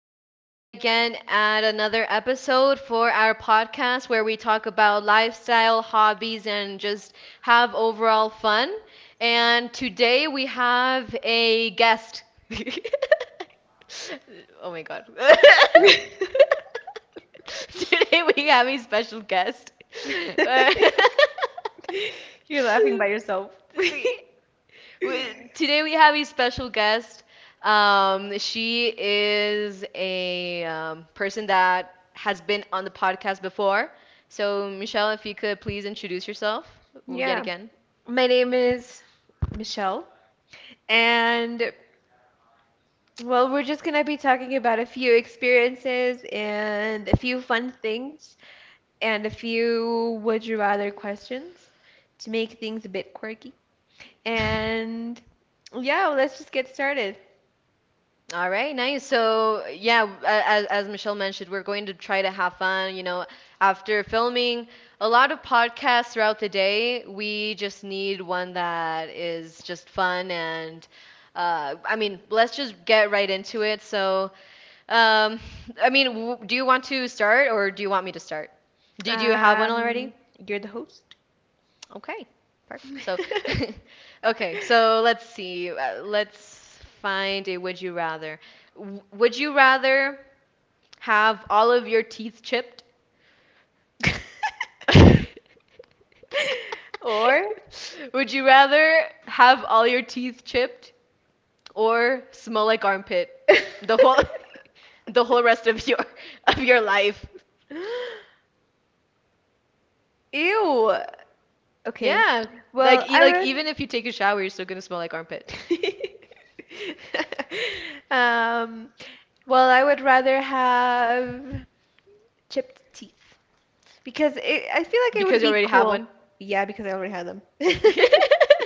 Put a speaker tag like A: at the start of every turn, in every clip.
A: are yet again at another episode for our podcast where we talk about lifestyle, hobbies, and just have overall fun. And today we have a guest. Oh my God. Today we have a special guest.
B: You're laughing by yourself.
A: See? Today we have a special guest. She is a person that has been on the podcast before. So, Michelle, if you could please introduce yourself yet
B: Yeah.
A: again.
B: My name is Michelle, and well, we're just gonna be talking about a few experiences and a few fun things and a few would you rather questions to make things a bit quirky. And yeah, let's just get started.
A: All right, nice. So, yeah, as Michelle mentioned, we're going to try to have fun. You know, after filming a lot of podcasts throughout the day, we just need one that is just fun. And I mean, let's just get right into it. So, um, I mean, w do you want to start or do you want me to start? Did you have one
B: Um,
A: already?
B: you're the host.
A: Okay, perfect. So, okay, so let's see. Let's find a would you rather. Would you rather have all of your teeth chipped?
B: Or
A: Would you rather have all your teeth chipped or smell like armpit the whole the whole rest of your life?
B: Ew. Okay.
A: Yeah.
B: Well,
A: Like e like
B: I
A: even if you take a shower, you're still gonna smell like armpit
B: would. Um, well, I would rather have chipped teeth because I feel like it would
A: because you
B: be
A: already have one.
B: cool. Yeah, because I already had them.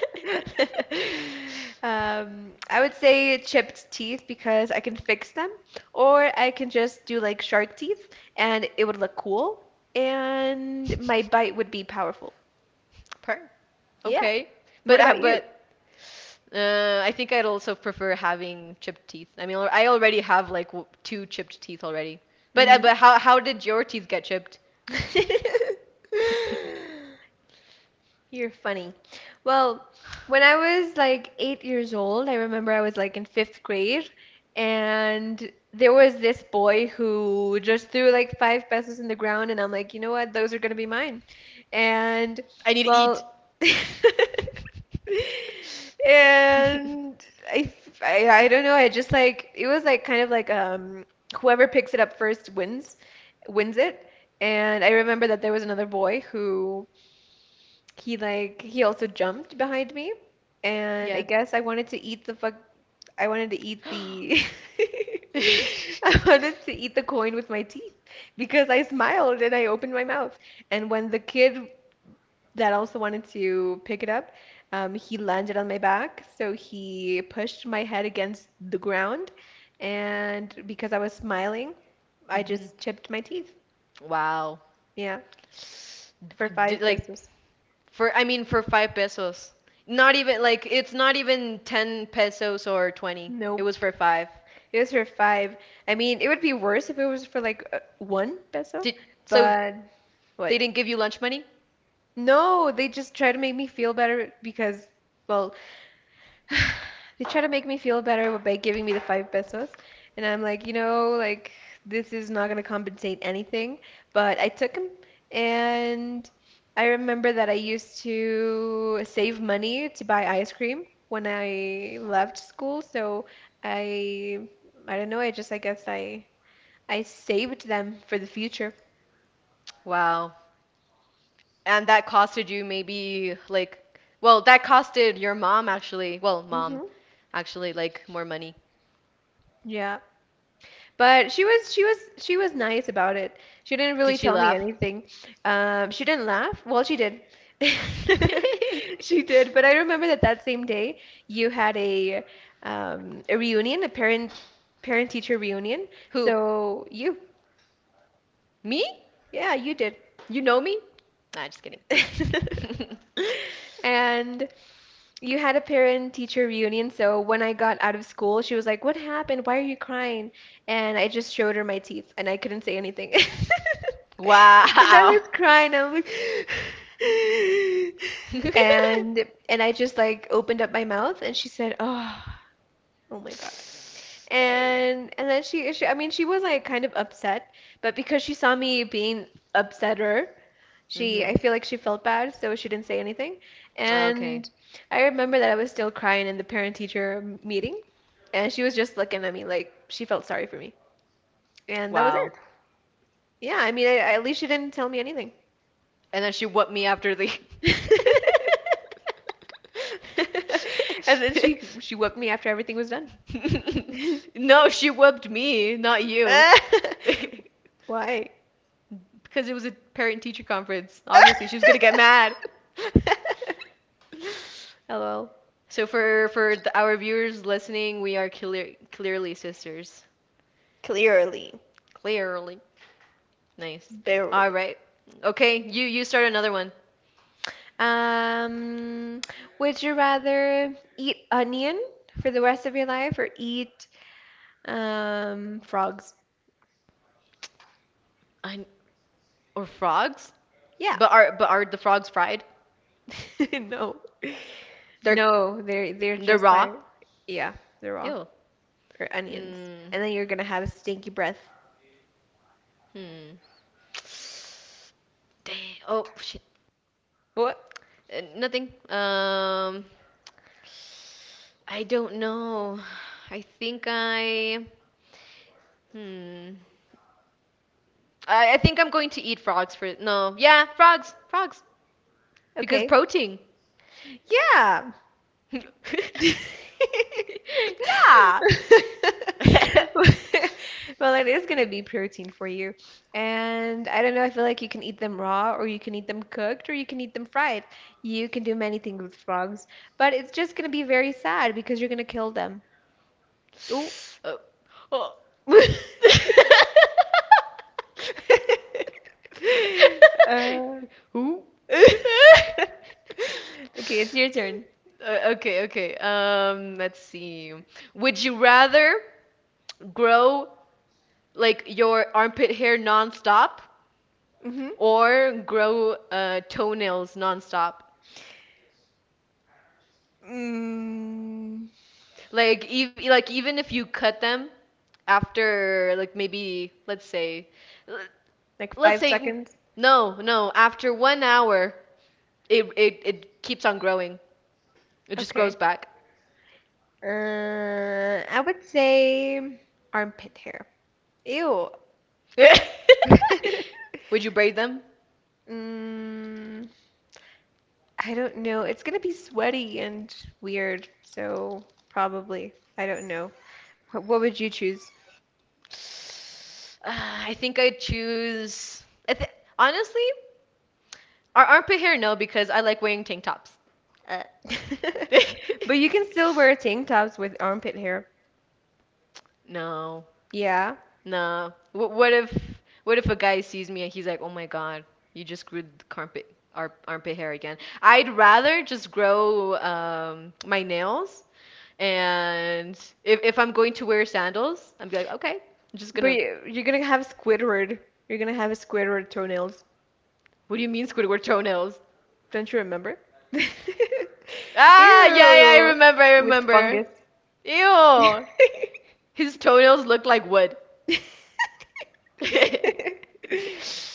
B: I would say chipped teeth because I can fix them, or I can just do like shark teeth and it would look cool, and my bite would be powerful.
A: Per.
B: Yeah.
A: Okay.
B: What about you?
A: But I think I'd also prefer having chipped teeth. I mean, I already have like w two chipped teeth already. But uh,
B: Mm-hmm.
A: but how did your teeth get chipped?
B: You're funny. Well, when I was like 8 years old, I remember I was like in 5th grade, and there was this boy who just threw like five pesos in the ground, and I'm like, what? Those are gonna be mine. And
A: I need to eat.
B: well, And I don't know. I just like it was like kind of like whoever picks it up first wins, wins it. And I remember that there was another boy who he also jumped behind me, and I
A: Yeah.
B: guess I wanted to eat the fuck. I wanted to eat the. I wanted to eat the coin with my teeth because I smiled and I opened my mouth. And when the kid that also wanted to pick it up, he landed on my back. So he pushed my head against the ground. And because I was smiling, I
A: hmm
B: just chipped my teeth.
A: Wow.
B: Yeah, for
A: D- d-
B: five
A: like
B: pesos.
A: for I mean, for 5 pesos. Not even like it's not even 10 pesos or 20. It was
B: Nope.
A: for 5.
B: It was for five. I mean, it would be worse if it was for like one peso,
A: Did so
B: but
A: they
B: what?
A: didn't give you lunch money?
B: No, they just try to make me feel better because, well, they try to make me feel better by giving me the five pesos, and I'm like, this is not gonna compensate anything, but I took them, and I remember that I used to save money to buy ice cream when I left school, so I, I don't know, I just, I guess I saved them for the future.
A: Wow. And that costed you maybe like well, that costed your mom actually. Well, mom
B: Hmm.
A: actually like more money.
B: Yeah. But she was nice about it. She didn't
A: Did
B: really
A: she
B: tell me
A: laugh?
B: anything. She didn't laugh. Well, she did. She did. But I remember that that same day you had a reunion, a parent teacher reunion.
A: Who?
B: So you,
A: Me?
B: yeah, you did.
A: You know me? Nah, just kidding.
B: And you had a parent-teacher reunion, so when I got out of school, she was like, "What happened? Why are you crying?" And I just showed her my teeth, and I couldn't say anything. And I
A: Wow.
B: was crying. I'm like,
A: Damn.
B: and I just like opened up my mouth, and she said, "Oh, oh my God." And then I mean, she was like kind of upset, but because she saw me being upsetter, she, I
A: Mhm.
B: feel like she felt bad, so she didn't say anything.
A: Okay.
B: And I remember that I was still crying in the parent teacher meeting, and she was just looking at me like she felt sorry for me. And that was
A: Wow.
B: it. Yeah, I mean, I, at least she didn't tell me anything.
A: And then she whooped me after the.
B: And then she whooped me after everything was done.
A: No, she whooped me, not you. Because
B: Why?
A: it was a parent-teacher conference. Obviously, she was gonna get mad.
B: LOL.
A: So our viewers listening, clearly sisters.
B: Clearly,
A: Clearly. Nice.
B: barely.
A: All right. Okay, you start another one.
B: Um, would you rather eat onion for the rest of your life or eat frogs?
A: I Or frogs?
B: Yeah.
A: But are the frogs fried?
B: No.
A: They're
B: No, they're
A: they're
B: just
A: raw.
B: like yeah, they're raw
A: Ew.
B: or onions.
A: Mm,
B: And then you're gonna have a stinky breath.
A: hmm. Dang. Oh shit.
B: What?
A: Nothing. I don't know. I think I. Hmm. I think I'm going to eat frogs for no. Yeah, frogs, frogs, because
B: Okay.
A: protein.
B: Yeah.
A: Yeah.
B: Well, it is going to be protein for you. And I don't know, I feel like you can eat them raw, or you can eat them cooked, or you can eat them fried. You can do many things with frogs, but it's just going to be very sad because you're going to kill them. Ooh.
A: Oh. Oh.
B: Uh,
A: Ooh.
B: okay, it's your turn.
A: Okay, okay. Let's see. Would you rather grow like your armpit hair nonstop
B: Mm-hmm.
A: or grow toenails nonstop?
B: Mm,
A: Like ev like even if you cut them after like maybe let's say l-
B: like
A: let's
B: five
A: say mm,
B: seconds.
A: no, no, after 1 hour it keeps on growing. It just grows
B: Okay.
A: back.
B: I would say armpit hair. Ew.
A: Would you braid them?
B: Mm, I don't know. It's gonna be sweaty and weird, so probably. I don't know. What would you choose?
A: Ah, I think I'd choose I th honestly, our armpit hair no because I like wearing tank tops. Uh.
B: But you can still wear tank tops with armpit hair.
A: No.
B: Yeah.
A: Nah. What if a guy sees me and he's like, "Oh my God, you just grew the carpet ar armpit hair again." I'd rather just grow my nails and if I'm going to wear sandals, I'm like, "Okay, I'm just
B: But
A: gonna
B: you're gonna have Squidward. You're gonna have a Squidward toenails.
A: What do you mean Squidward toenails?"
B: Don't you remember?
A: Yeah, yeah,
B: Ew.
A: I
B: With
A: remember.
B: fungus.
A: Ew. His toenails look like wood.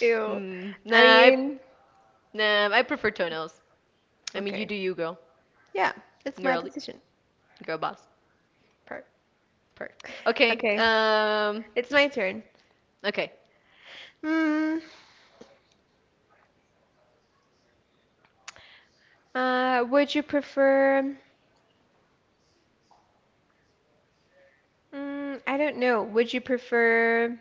B: Ew.
A: Mm,
B: I
A: nah, I,
B: mean,
A: nah, I prefer toenails. I mean, you
B: okay.
A: do you, girl.
B: Yeah, it's my
A: Girly.
B: decision
A: Girl boss.
B: part.
A: Per. Okay.
B: Okay, it's my turn.
A: Okay.
B: Hmm. Would you prefer? Mm, I don't know. Would you prefer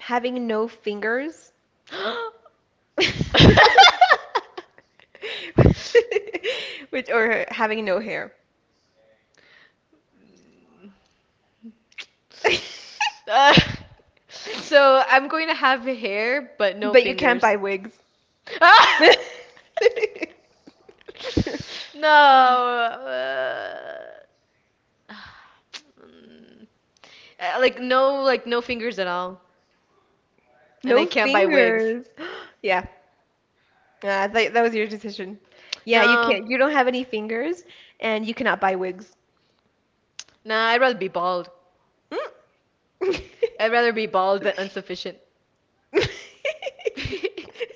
B: having no fingers? Which, or having no hair?
A: Uh, so I'm going to have hair, but no
B: But you can't
A: fingers.
B: buy wigs.
A: Ah! No. Mm. Like no fingers at all, and I
B: No
A: can't buy wigs.
B: fingers. Yeah, that was your decision. Yeah, you
A: No.
B: can't. You don't have any fingers, and you cannot buy wigs.
A: Nah, I'd rather be bald.
B: Mm.
A: I'd rather be bald than insufficient.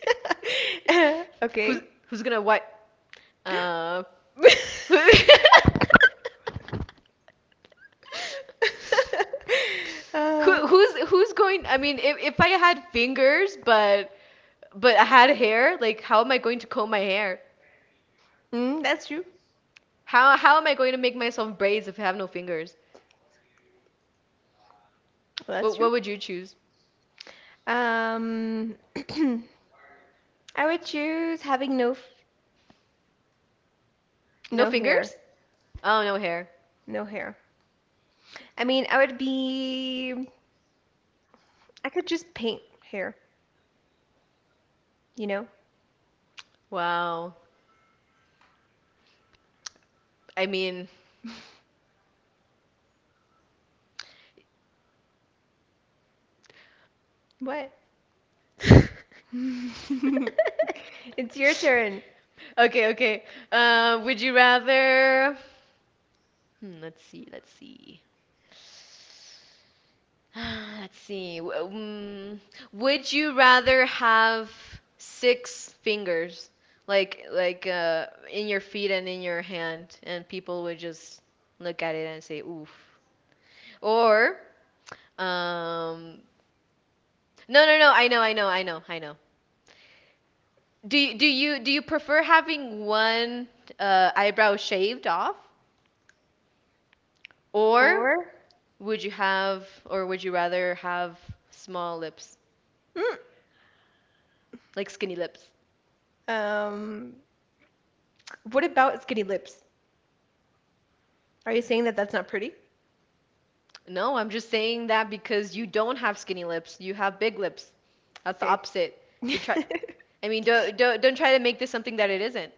A: Who's
B: Okay.
A: who's gonna wipe? Uh, who- who
B: Uh,
A: who's who's going? I mean, if I had fingers, but I had hair, like how am I going to comb my hair?
B: mm, that's true.
A: How am I going to make myself braids if I have no fingers?
B: Well, that's true.
A: What would you choose?
B: Um, I would choose having
A: No
B: no hair.
A: fingers? Oh, no hair.
B: No hair. I mean, I would be, I could just paint hair, you know?
A: Wow. I mean,
B: What? It's your turn.
A: Okay, okay. Would you rather? Hmm, let's see. Let's see. Would you rather have six fingers, like in your feet and in your hand, and people would just look at it and say, "Oof," or um, no, no, no. I know, I know, I know, I know. Do you do you prefer having one eyebrow shaved off, or
B: Or,
A: would you have, or would you rather have small lips,
B: mm,
A: like skinny lips?
B: um, what about skinny lips? Are you saying that that's not pretty?
A: No, I'm just saying that because you don't have skinny lips. You have big lips. That's the
B: Okay.
A: opposite. You try. I mean, don't try to make this something that it isn't.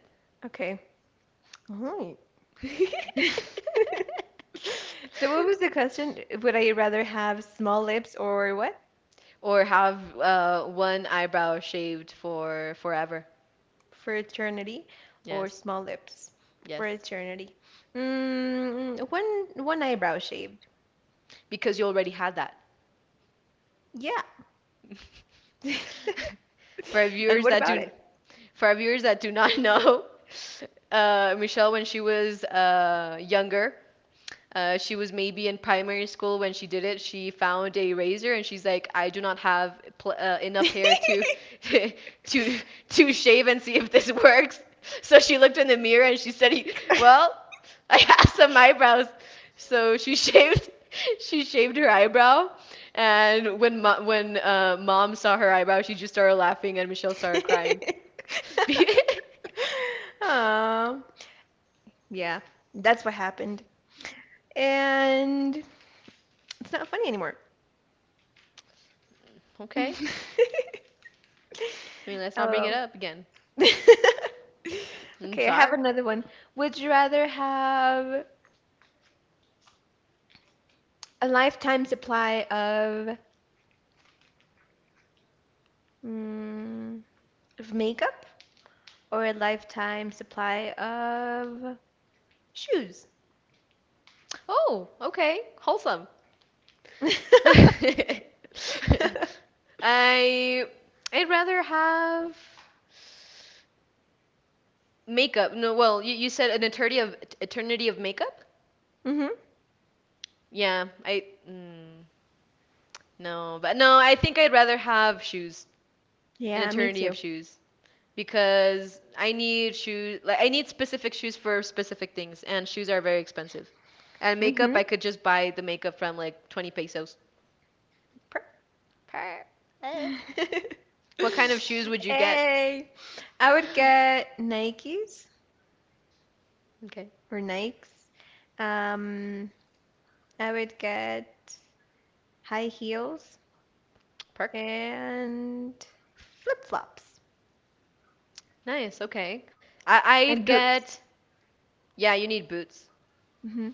B: Okay. All right. So what was the question? Would I rather have small lips or what?
A: Or have one eyebrow shaved for forever.
B: Fraternity or
A: Yes.
B: small lips,
A: Yes.
B: fraternity, one eyebrow shaved,
A: Because you already had that.
B: yeah.
A: for our
B: And
A: viewers
B: what
A: that
B: about it?
A: do, for our viewers that do not know, Michelle, when she was younger, she was maybe in primary school when she did it. She found a razor and she's like, I do not have enough hair to to to shave and see if this works. So she looked in the mirror and she said, well, I have some eyebrows. So she shaved she shaved her eyebrow, and when mom saw her eyebrow, she just started laughing and Michelle started crying.
B: Aw, yeah, that's what happened, and it's not funny anymore.
A: Okay, I mean let's not bring it
B: LOL.
A: up again. I'm
B: Okay, I have
A: sorry.
B: another one. Would you rather have a lifetime supply of mm, of makeup or a lifetime supply of shoes.
A: Oh, okay. Wholesome. I I'd rather have makeup. No, well, you said an eternity of makeup?
B: Hmm.
A: Yeah, I mm, no, but No, I think I'd rather have shoes, an
B: Yeah, me
A: eternity of
B: too.
A: shoes, because I need shoes, like I need specific shoes for specific things, and shoes are very expensive. And makeup,
B: Hmm.
A: I could just buy the makeup from like 20 pesos. What kind of shoes would you get?
B: Hey, I would get Nikes
A: Okay.
B: or Nikes. Um, I would get high heels
A: Park.
B: and flip flops
A: Nice. Okay. I I'd
B: and boots.
A: get yeah, you need boots.
B: Hmm.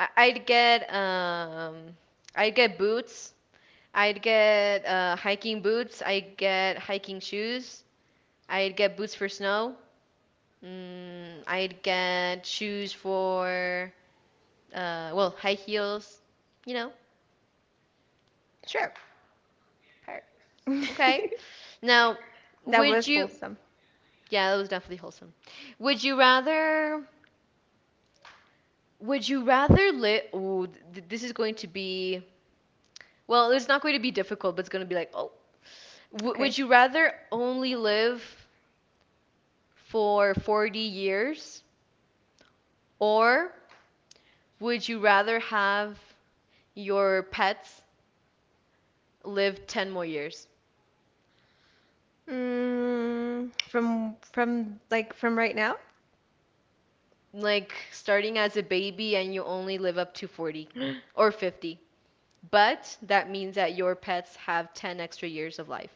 A: I I'd get um I'd get boots. I'd get hiking boots. I'd get hiking shoes. I'd get boots for snow. Mm, I'd get shoes for well, high heels, you know.
B: Sure.
A: Okay. Now,
B: That
A: would
B: was
A: you
B: wholesome.
A: Yeah, that was definitely wholesome. Would you rather Would you rather live? Ooh, this is going to be. Well, it's not going to be difficult, but it's going to be like, oh. Would
B: Okay.
A: you rather only live for 40 years, or would you rather have your pets live 10 more years?
B: Mm, from from right now?
A: Like starting as a baby and you only live up to 40 or 50. But that means that your pets have 10 extra years of life.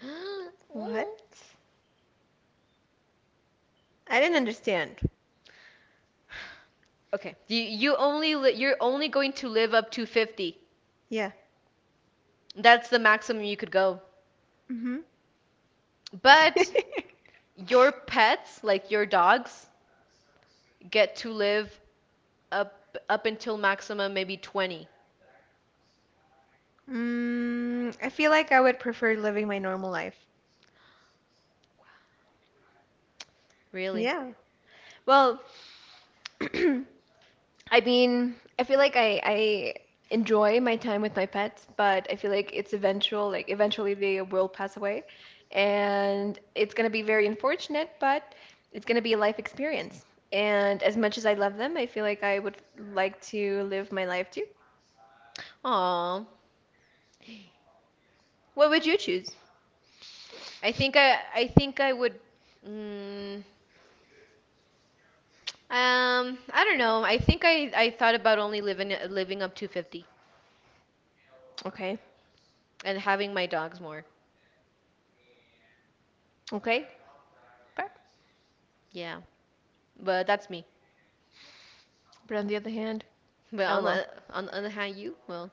B: What? I didn't understand.
A: Okay. You're only going to live up to 50.
B: Yeah.
A: That's the maximum you could go.
B: Hmm.
A: But your pets, like your dogs, get to live up until maximum maybe 20,
B: Mm, I feel like I would prefer living my normal life.
A: really.
B: Yeah. Well, I mean, I feel like I enjoy my time with my pets, but I feel like it's eventual, like eventually they will pass away, and it's gonna be very unfortunate, but it's gonna be a life experience. And as much as I love them, I feel like I would like to live my life too.
A: Aw.
B: What would you choose?
A: I think I would mm, I don't know. I think I thought about only living up to 50
B: Okay,
A: and having my dogs more.
B: okay, fair.
A: Yeah. But that's me.
B: But on the other hand,
A: But on
B: lol.
A: the other hand, you, well,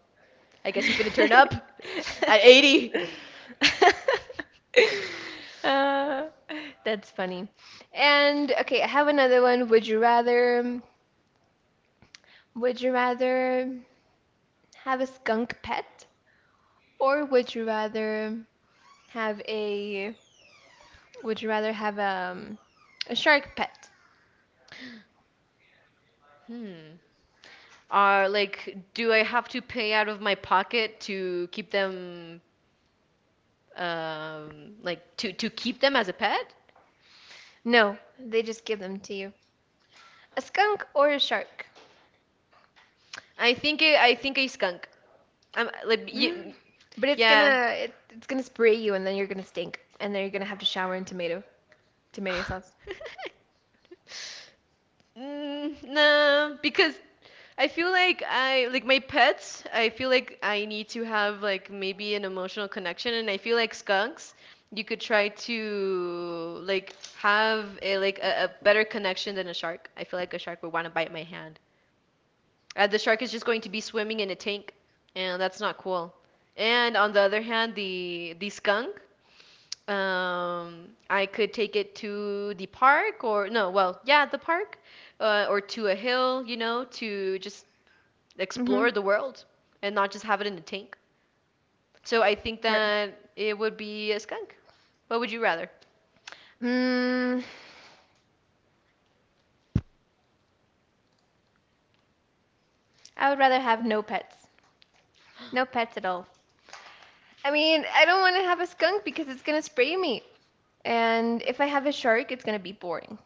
A: I guess you finna turn up at 80.
B: Uh, that's funny. And okay, I have another one. Would you rather have a skunk pet or have a, would you rather have a shark pet?
A: Hmm. Are like, do I have to pay out of my pocket to keep them, like to keep them as a pet?
B: No, they just give them to you. A skunk or a shark?
A: I think a skunk. I'm like, y
B: Mm. But
A: yeah.
B: it's gonna spray you and then you're gonna stink and then you're gonna have to shower in tomato sauce.
A: Mm, nah, because I feel like I like my pets. I feel like I need to have like maybe an emotional connection, and I feel like skunks. You could try to like have a a better connection than a shark. I feel like a shark would want to bite my hand. The shark is just going to be swimming in a tank, and that's not cool. And on the other hand, the skunk I could take it to the park or no, well, yeah, the park, or to a hill, you know, to just explore
B: Mm-hmm.
A: the world and not just have it in a tank. So I think
B: Per-
A: that it would be a skunk. What would you rather?
B: mm, I would rather have no pets. No pets at all. I mean, I don't want to have a skunk because it's gonna spray me. And if I have a shark, it's gonna be boring.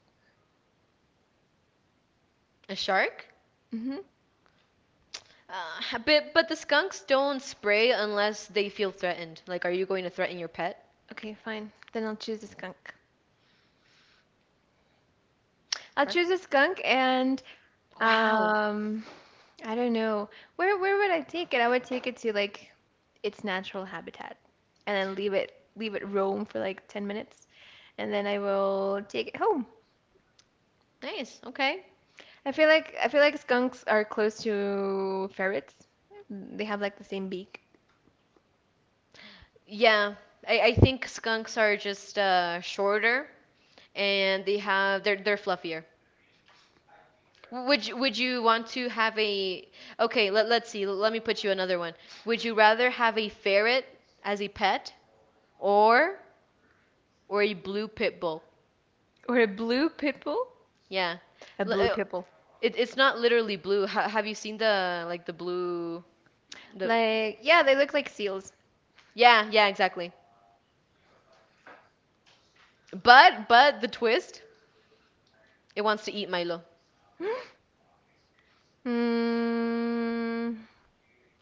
A: A shark?
B: Mm-hmm.
A: But the skunks don't spray unless they feel threatened. Like, are you going to threaten your pet?
B: Okay, fine. Then I'll choose a skunk. I'll
A: Or-
B: choose a skunk and
A: Wow,
B: um I don't know. Where would I take it? I would take it to like its natural habitat and then leave it roam for like 10 minutes and then I will take it home.
A: nice. Okay.
B: I feel like skunks are close to ferrets. They have like the same beak.
A: Yeah, I think skunks are just shorter and they're fluffier. Would you want to have a okay, let's see. Let me put you another one. Would you rather have a ferret as a pet or or a blue pit bull?
B: Or a blue pit bull?
A: Yeah.
B: A
A: L-
B: blue
A: uh,
B: pit bull.
A: It, it's not literally blue. Ha have you seen the like the blue the
B: Like yeah, they look like seals.
A: Yeah, yeah, exactly. But the twist, it wants to eat Milo,
B: Mm,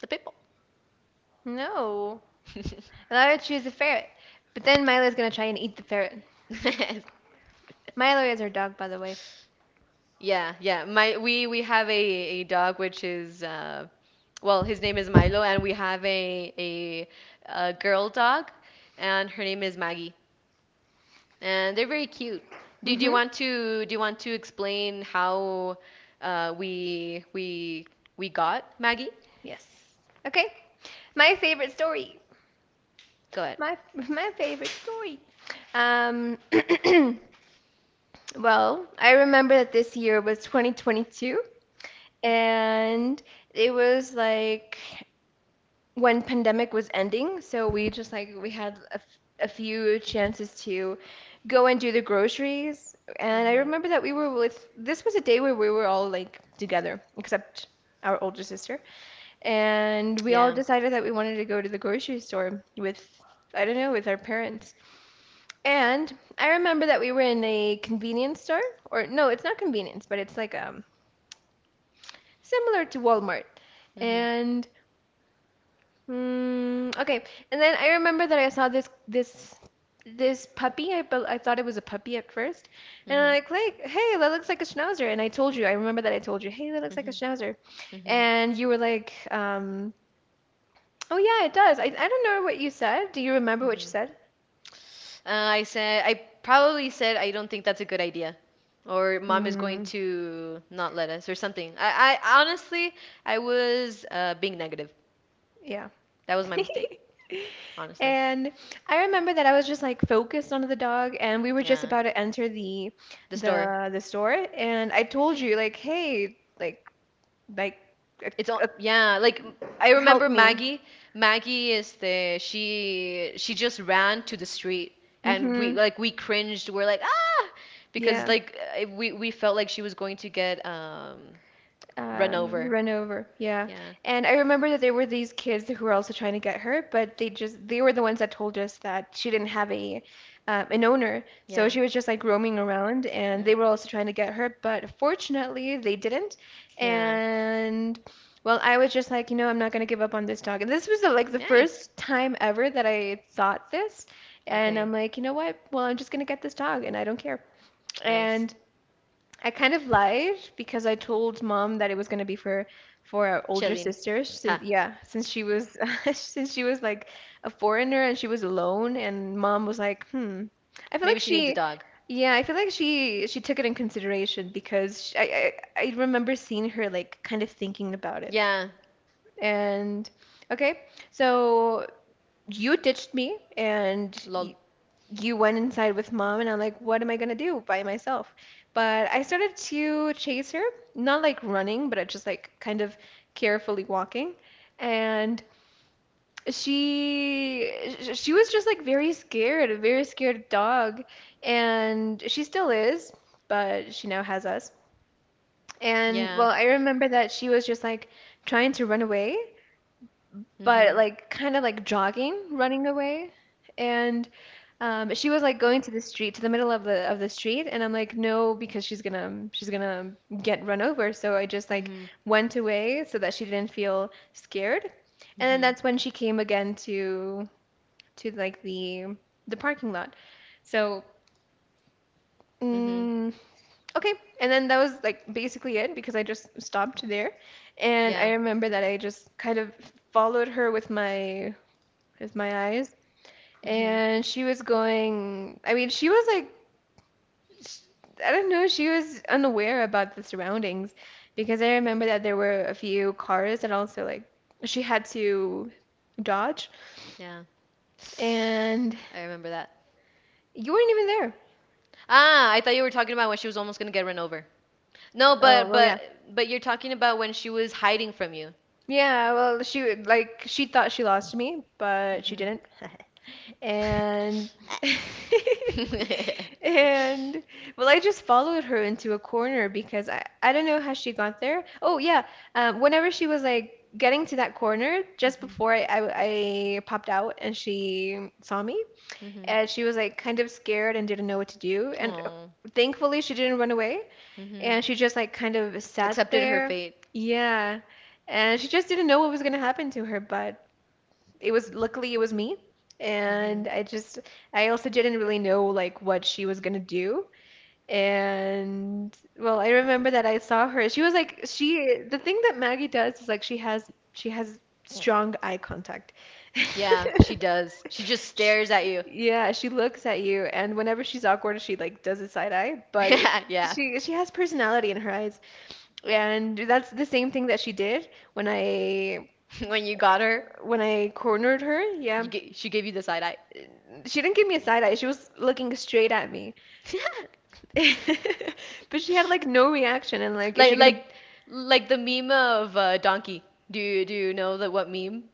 A: the pit bull.
B: no. And I would choose a ferret. But then Milo's gonna try and eat the ferret. Milo is our dog, by the way.
A: Yeah, yeah. My we have a dog which is his name is Milo, and we have a girl dog, and her name is Maggie. And they're very cute. Do, do you
B: Mm-hmm.
A: want to do you want to explain how uh we we we got Maggie?
B: Yes. Okay. My favorite story.
A: Go ahead.
B: My my favorite story. Um, well, I remember that this year was 2022, and it was like when pandemic was ending, so we just like we had a few chances to go and do the groceries. And I
A: Mhm.
B: remember that we were with this was a day where we were all like together, except our older sister, and we all
A: Yeah.
B: decided that we wanted to go to the grocery store with I don't know, with our parents. And I remember that we were in a convenience store, or no, it's not convenience, but it's like similar to Walmart.
A: Mhm.
B: And mm, okay. And then I remember that I saw this puppy. I thought it was a puppy at first, and I'm
A: Mhm.
B: like, hey, that looks like a schnauzer. And I told you, I remember that I told you, hey, that looks like a
A: Mhm.
B: schnauzer,
A: Mhm.
B: and you were like, oh yeah, it does. I don't know what you said. Do you remember what you
A: Mhm.
B: said?
A: I probably said I don't think that's a good idea, or mom is going
B: Hmm.
A: to not let us or something. I honestly I was being negative.
B: Yeah.
A: That was my mistake, honestly.
B: And I remember that I was just like focused on the dog, and we were just
A: Yeah,
B: about to enter the
A: the store.
B: the the store, and I told you like, hey, like uh,
A: It's all
B: uh,
A: yeah. Like I
B: help
A: remember
B: me.
A: Maggie. Maggie is the she just ran to the street, and we
B: Hmm.
A: like we cringed. We're like ah, because
B: Yeah,
A: like we felt like she was going to get run over.
B: run over. Yeah,
A: Yeah,
B: and I remember that there were these kids who were also trying to get her, but they were the ones that told us that she didn't have a an owner, so
A: yeah.
B: she was just like roaming around, and they
A: Mm.
B: were also trying to get her, but fortunately they didn't,
A: Yeah.
B: and. Well, I was just like, I'm not gonna give up on this dog. And this was the
A: Nice.
B: first time ever that I thought this. And
A: Okay.
B: I'm like, you know what? Well, I'm just gonna get this dog and I don't care.
A: Nice.
B: And I kind of lied because I told mom that it was gonna be for our older
A: Chilling.
B: sister since
A: Ha.
B: yeah, since she was since she was like a foreigner and she was alone and mom was like, "Hmm." I feel like
A: Maybe she needs a dog.
B: I feel like she took it in consideration because sh I remember seeing her like kind of thinking about it.
A: Yeah.
B: And okay, so you ditched me and
A: Lol.
B: y you went inside with mom and I'm like, what am I gonna do by myself? But I started to chase her, not like running, but I just like kind of carefully walking. And she she was just like very scared, a very scared dog. And she still is, but she now has us. And
A: Yeah.
B: well, I remember that she was just like trying to run away but
A: Mm-hmm.
B: like kind of like jogging, running away. And she was like going to the street, to the middle of the street, and I'm like, no, because she's gonna get run over. So I just like
A: Mm-hmm.
B: went away so that she didn't feel scared. And then
A: Mm-hmm.
B: that's when she came again to like the parking lot. So
A: Mm-hmm.
B: mm, okay, and then that was like basically it because I just stopped there, and
A: Yeah.
B: I remember that I just kind of followed her with my eyes
A: Mm-hmm.
B: and she was going, I mean, she was like, sh I don't know, she was unaware about the surroundings because I remember that there were a few cars that also like she had to dodge,
A: Yeah.
B: and
A: I remember that.
B: you weren't even there.
A: Ah, I thought you were talking about when she was almost gonna get run over. No,
B: Oh,
A: but
B: well, yeah.
A: but but you're talking about when she was hiding from you.
B: Yeah, well, she would like she thought she lost me, but she
A: Mm-hmm.
B: didn't. And and well, I just followed her into a corner because I don't know how she got there. Oh yeah, whenever she was like getting to that corner, just
A: Mm-hmm.
B: before I popped out and she saw me,
A: Mm-hmm.
B: and she was like kind of scared and didn't know what to do. And
A: Oh.
B: thankfully, she didn't run away,
A: Mm-hmm.
B: and she just like kind of sat
A: Accepted her
B: there.
A: fate.
B: Yeah, and she just didn't know what was gonna happen to her, but it was luckily it was me
A: Mm-hmm.
B: and I just I also didn't really know like what she was gonna do. And well, I remember that I saw her. She was like she the thing that Maggie does is like she has strong eye contact.
A: Yeah, she does. She just
B: She,
A: stares at you.
B: yeah, she looks at you and whenever she's awkward she like does a side eye, but it
A: Yeah, yeah.
B: she has personality in her eyes. And that's the same thing that she did
A: When you got her,
B: when I cornered her. Yeah.
A: you ga she gave you the side eye.
B: She didn't give me a side eye. She was looking straight at me. But she had like no reaction and like is
A: Like
B: she gonna
A: like like the meme of Donkey. Do you know the what meme?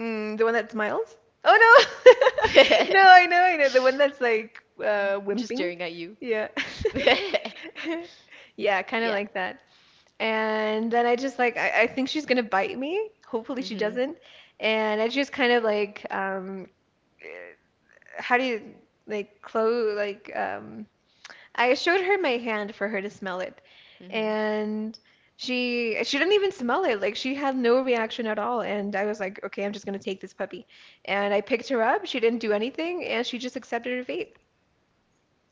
B: the one that smiles? Oh no. No, I know, I know. The one that's like
A: Just
B: wimping.
A: staring at you.
B: Yeah. Yeah, kind of
A: Yeah.
B: like that. And then I just like I think she's gonna bite me. Hopefully she
A: Mhm.
B: doesn't. And I just kind of like eh, how do you like close I showed her my hand for her to smell it,
A: Mhm.
B: and she didn't even smell it. Like she had no reaction at all, and I was like, okay, I'm just gonna take this puppy. And I picked her up. She didn't do anything, and she just accepted her fate,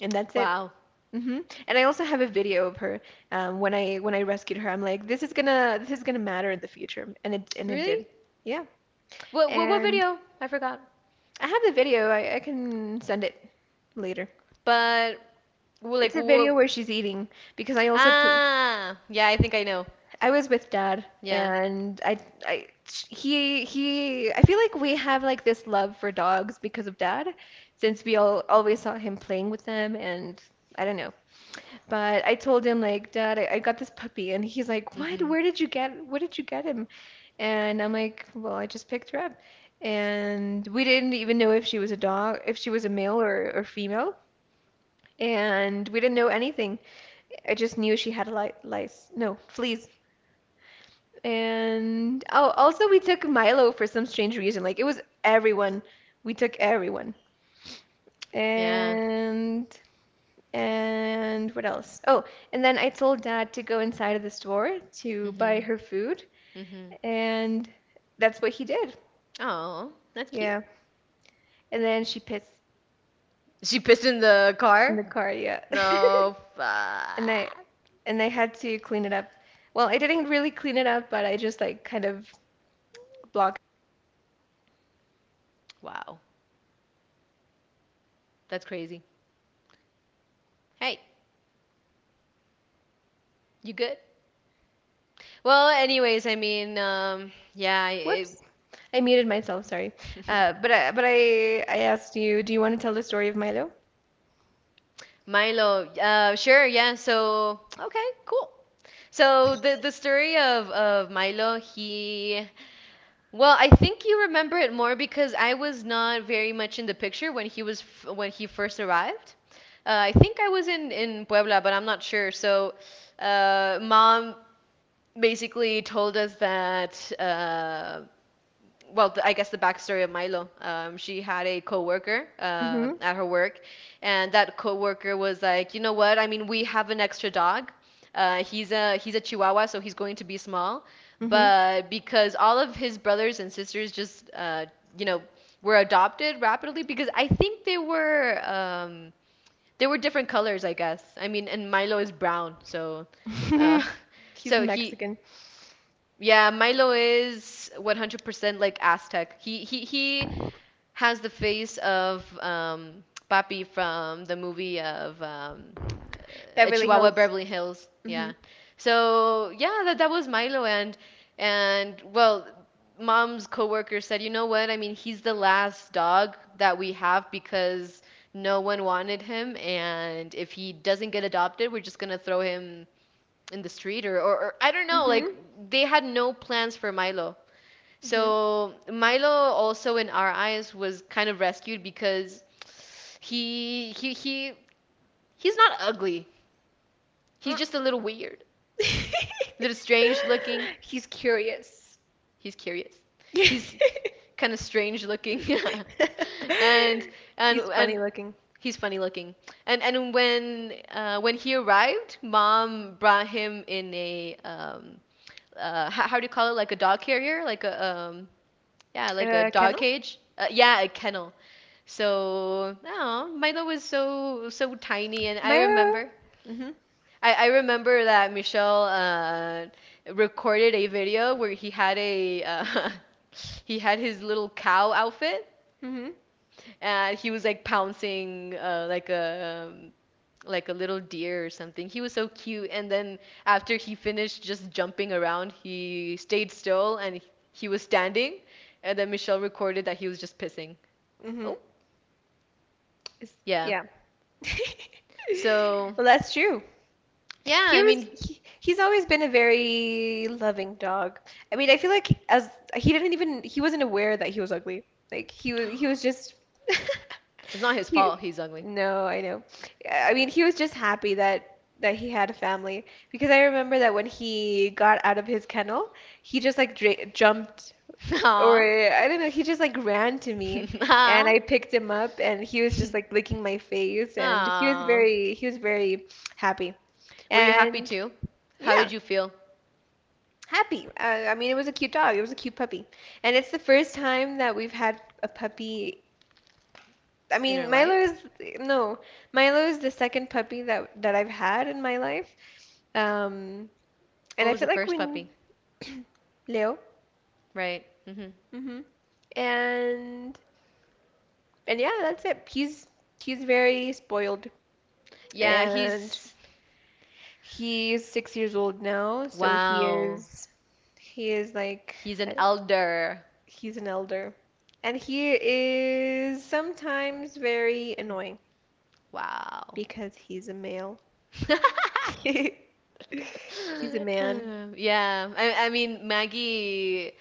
B: and that's it.
A: Wow.
B: Hmm. And I also have a video of her when I rescued her. I'm like, this is gonna matter in the future, and it
A: Really?
B: did. Yeah.
A: What
B: And
A: video? I forgot.
B: I have the video. I can send it later.
A: But w-
B: It's
A: like
B: a video
A: what?
B: where she's eating because I also t
A: Ah, yeah, I think I know.
B: I was with dad
A: Yeah.
B: and I he I feel like we have like this love for dogs because of dad since we all always saw him playing with them and I don't know. But I told him like, "Dad, I got this puppy." And he's like, "What?
A: Mhm.
B: Where did you get him?" And I'm like, "Well, I just picked her up." And we didn't even know if she was a dog, if she was a male or female. And we didn't know anything. I just knew she had li lice. No, fleas. And oh, also we took Milo for some strange reason. Like it was everyone. We took everyone.
A: Yeah.
B: And and what else? Oh, and then I told Dad to go inside of the store to buy
A: Mhm.
B: her food,
A: Mhm.
B: and that's what he did.
A: Oh, that's cute.
B: Yeah. And then she pissed
A: She pissed in the
B: in
A: car?
B: the car, yeah.
A: No.
B: And I
A: Fuck.
B: and I had to clean it up. Well, I didn't really clean it up, but I just like kind of blocked.
A: Wow. That's crazy. Hey, you good? Well, anyways, I mean, yeah, I- it,
B: Whoops. I muted myself, sorry. But I asked you, do you want to tell the story of Milo?
A: Milo. Sure, yeah. So, okay, cool. So the story of Milo, he well, I think you remember it more because I was not very much in the picture when he was when he first arrived. I think I was in Puebla, but I'm not sure. So, mom basically told us that I guess the backstory of Milo. She had a coworker at her work, and that coworker was like, you know what? I mean, we have an extra dog. He's a Chihuahua, so he's going to be small.
B: Mm-hmm.
A: But because all of his brothers and sisters just, you know, were adopted rapidly, because I think they were different colors, I guess. I mean, and Milo is brown, so
B: Mm-hmm.
A: uh,
B: He's
A: so he
B: Mexican.
A: yeah, Milo is 100% like Aztec. He has the face of Papi from the movie of
B: Beverly
A: Chihuahua
B: Hills.
A: Beverly Hills.
B: Mm-hmm.
A: Yeah. So, yeah, that that was Milo and well, mom's coworker said, "You know what? I mean, he's the last dog that we have because no one wanted him, and if he doesn't get adopted, we're just going to throw him in the street, or I don't know, like
B: Mm-hmm.
A: they had no plans for Milo.
B: Mm-hmm.
A: So Milo also in our eyes was kind of rescued because he he's not ugly. He's
B: Mm.
A: just a little weird. A little strange looking.
B: He's curious.
A: He's curious. He's kind of strange looking. and and
B: He's
A: and
B: funny looking.
A: he's funny looking. And when he arrived, mom brought him in a how do you call it? Like a dog carrier, like a yeah, like a dog
B: Kennel?
A: cage. Yeah, a kennel. So no, Milo was so tiny, and I
B: Milo.
A: remember
B: Mm-hmm.
A: I remember that Michelle recorded a video where he had a he had his little cow outfit
B: Mm-hmm.
A: and he was like pouncing like a little deer or something. He was so cute. And then after he finished just jumping around, he stayed still and he was standing. And then Michelle recorded that he was just pissing.
B: Mm-hmm.
A: Oh,
B: Is,
A: yeah.
B: yeah.
A: So,
B: Well, that's true.
A: yeah,
B: He
A: I
B: was
A: mean,
B: he, he's always been a very loving dog. I mean, I feel like as he didn't even he wasn't aware that he was ugly. Like he was just
A: it's not his fault
B: he
A: he's ugly.
B: no, I know. I mean, he was just happy that he had a family because I remember that when he got out of his kennel, he just like dra jumped or
A: Aw.
B: I don't know, he just like ran to me and
A: Aw.
B: I picked him up and he was just like licking my face and he was
A: Aw.
B: very he was very happy.
A: Were you happy
B: And
A: too? How
B: yeah,
A: did you feel
B: happy. I mean, it was a cute dog. It was a cute puppy. And it's the first time that we've had a puppy. I
A: in her
B: mean, Milo
A: life?
B: is no, Milo is the second puppy that I've had in my life. Um,
A: What
B: and I
A: was the
B: feel like
A: first
B: when
A: puppy?
B: Leo,
A: Right. hmm
B: hmm and And yeah, that's it. He's very spoiled
A: Yeah,
B: and
A: he's.
B: he's 6 years old now, so
A: Wow.
B: he is like
A: He's an
B: uh,
A: elder.
B: he's an elder. And he is sometimes very annoying
A: Wow.
B: because he's a male. He's a man.
A: Yeah, I mean, Maggie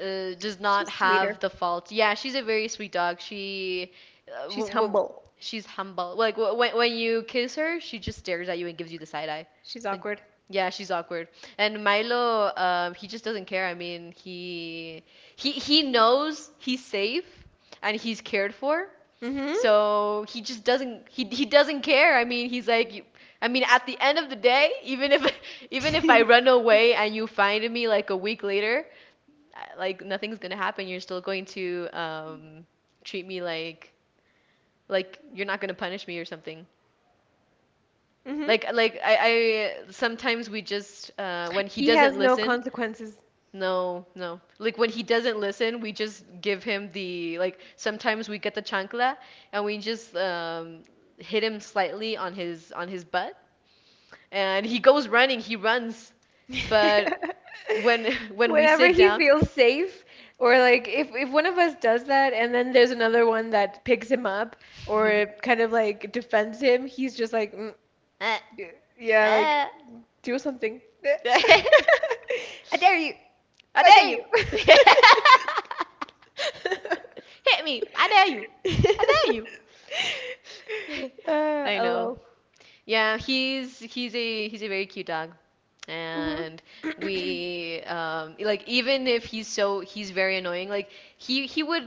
A: does not
B: She's
A: have
B: sweeter.
A: the faults. Yeah, she's a very sweet dog. She, w
B: She's
A: w
B: humble.
A: she's humble. Like w when you kiss her, she just stares at you and gives you the side eye.
B: She's
A: Like,
B: awkward.
A: yeah, she's awkward. And Milo, he just doesn't care. I mean, he knows he's safe and he's cared for,
B: Mm-hmm.
A: so he just doesn't care. I mean, he's like you, I mean, at the end of the day, even if even if I run away and you find me like a week later, I- like nothing's gonna happen. You're still going to treat me like you're not gonna punish me or something.
B: Mm-hmm.
A: Like I sometimes we just when he
B: He
A: doesn't
B: has no
A: listen,
B: consequences.
A: No. Like when he doesn't listen, we just give him the like sometimes we get the chancla and we just hit him slightly on his butt, and he goes running, he runs. But when when we
B: Whenever
A: sit
B: he
A: down
B: feels safe, or like if one of us does that and then there's another one that picks him up or kind of like defends him, he's just like, mm,
A: Ah,
B: y- yeah, like
A: ah.
B: do something. I dare you.
A: I
B: I
A: dare
B: dare you.
A: you. Hit me. I dare you. I dare you. I know.
B: Lol.
A: Yeah, he's a very cute dog, and
B: Hmm.
A: we like even if he's so he's very annoying. Like he would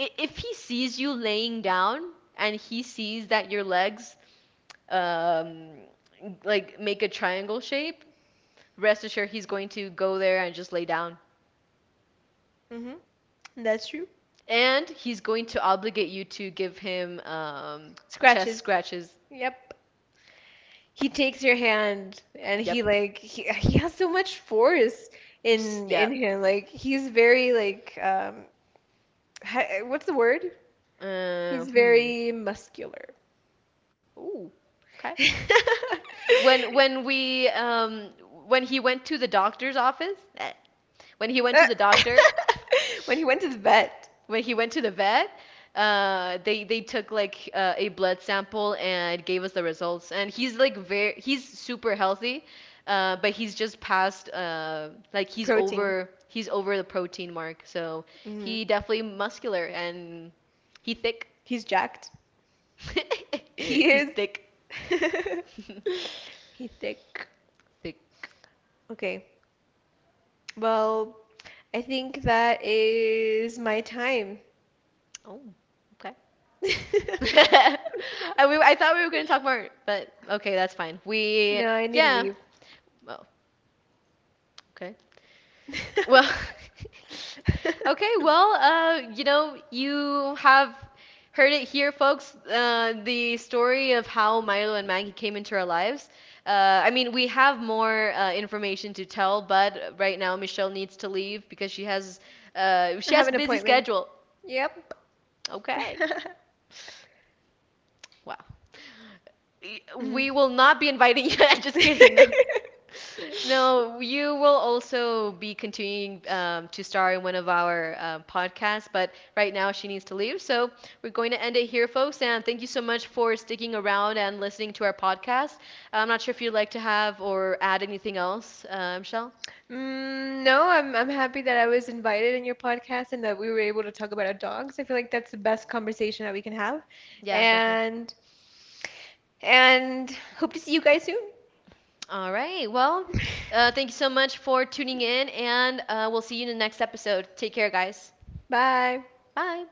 A: if he sees you laying down and he sees that your legs um like make a triangle shape, rest assured he's going to go there and just lay down.
B: Hmm. That's true.
A: And he's going to obligate you to give him chest
B: Scratches.
A: scratches.
B: Yep. He takes your hand and he
A: Yep.
B: like he has so much force
A: Psst,
B: in
A: yep.
B: him like he's very like what's the word? He's
A: Hmm.
B: very muscular.
A: When we when he went to the doctor's office, when he went
B: Uh,
A: to the doctor,
B: when he went to the vet.
A: when he went to the vet, they took like a blood sample and gave us the results. And he's like very he's super healthy, but he's just past he's
B: Protein.
A: over he's over the protein mark. So
B: Mhm.
A: he definitely muscular and he thick.
B: He's jacked. He
A: he's
B: is.
A: thick.
B: He's thick.
A: thick.
B: Okay, well, I think that is my time.
A: Oh, okay. I thought we were going to talk more, but okay, that's fine. We,
B: No, I need to
A: yeah.
B: leave.
A: Well, okay. Well, okay, well, you know, you have heard it here, folks. The story of how Milo and Maggie came into our lives. I mean, we have more information to tell, but right now Michelle needs to leave because
B: I
A: she
B: have
A: has a
B: an
A: busy
B: appointment.
A: schedule.
B: Yep.
A: Okay. Wow.
B: Mm.
A: We will not be inviting you. I'm just kidding. No. No, you will also be continuing to star in one of our podcasts, but right now she needs to leave. So we're going to end it here, folks. And thank you so much for sticking around and listening to our podcast. I'm not sure if you'd like to have or add anything else, Michelle.
B: Mm, no, I'm happy that I was invited in your podcast and that we were able to talk about our dogs. I feel like that's the best conversation that we can have.
A: Yeah, definitely.
B: And and hope to see you guys soon.
A: All right. Well, thank you so much for tuning in, and we'll see you in the next episode. Take care, guys.
B: Bye.
A: Bye.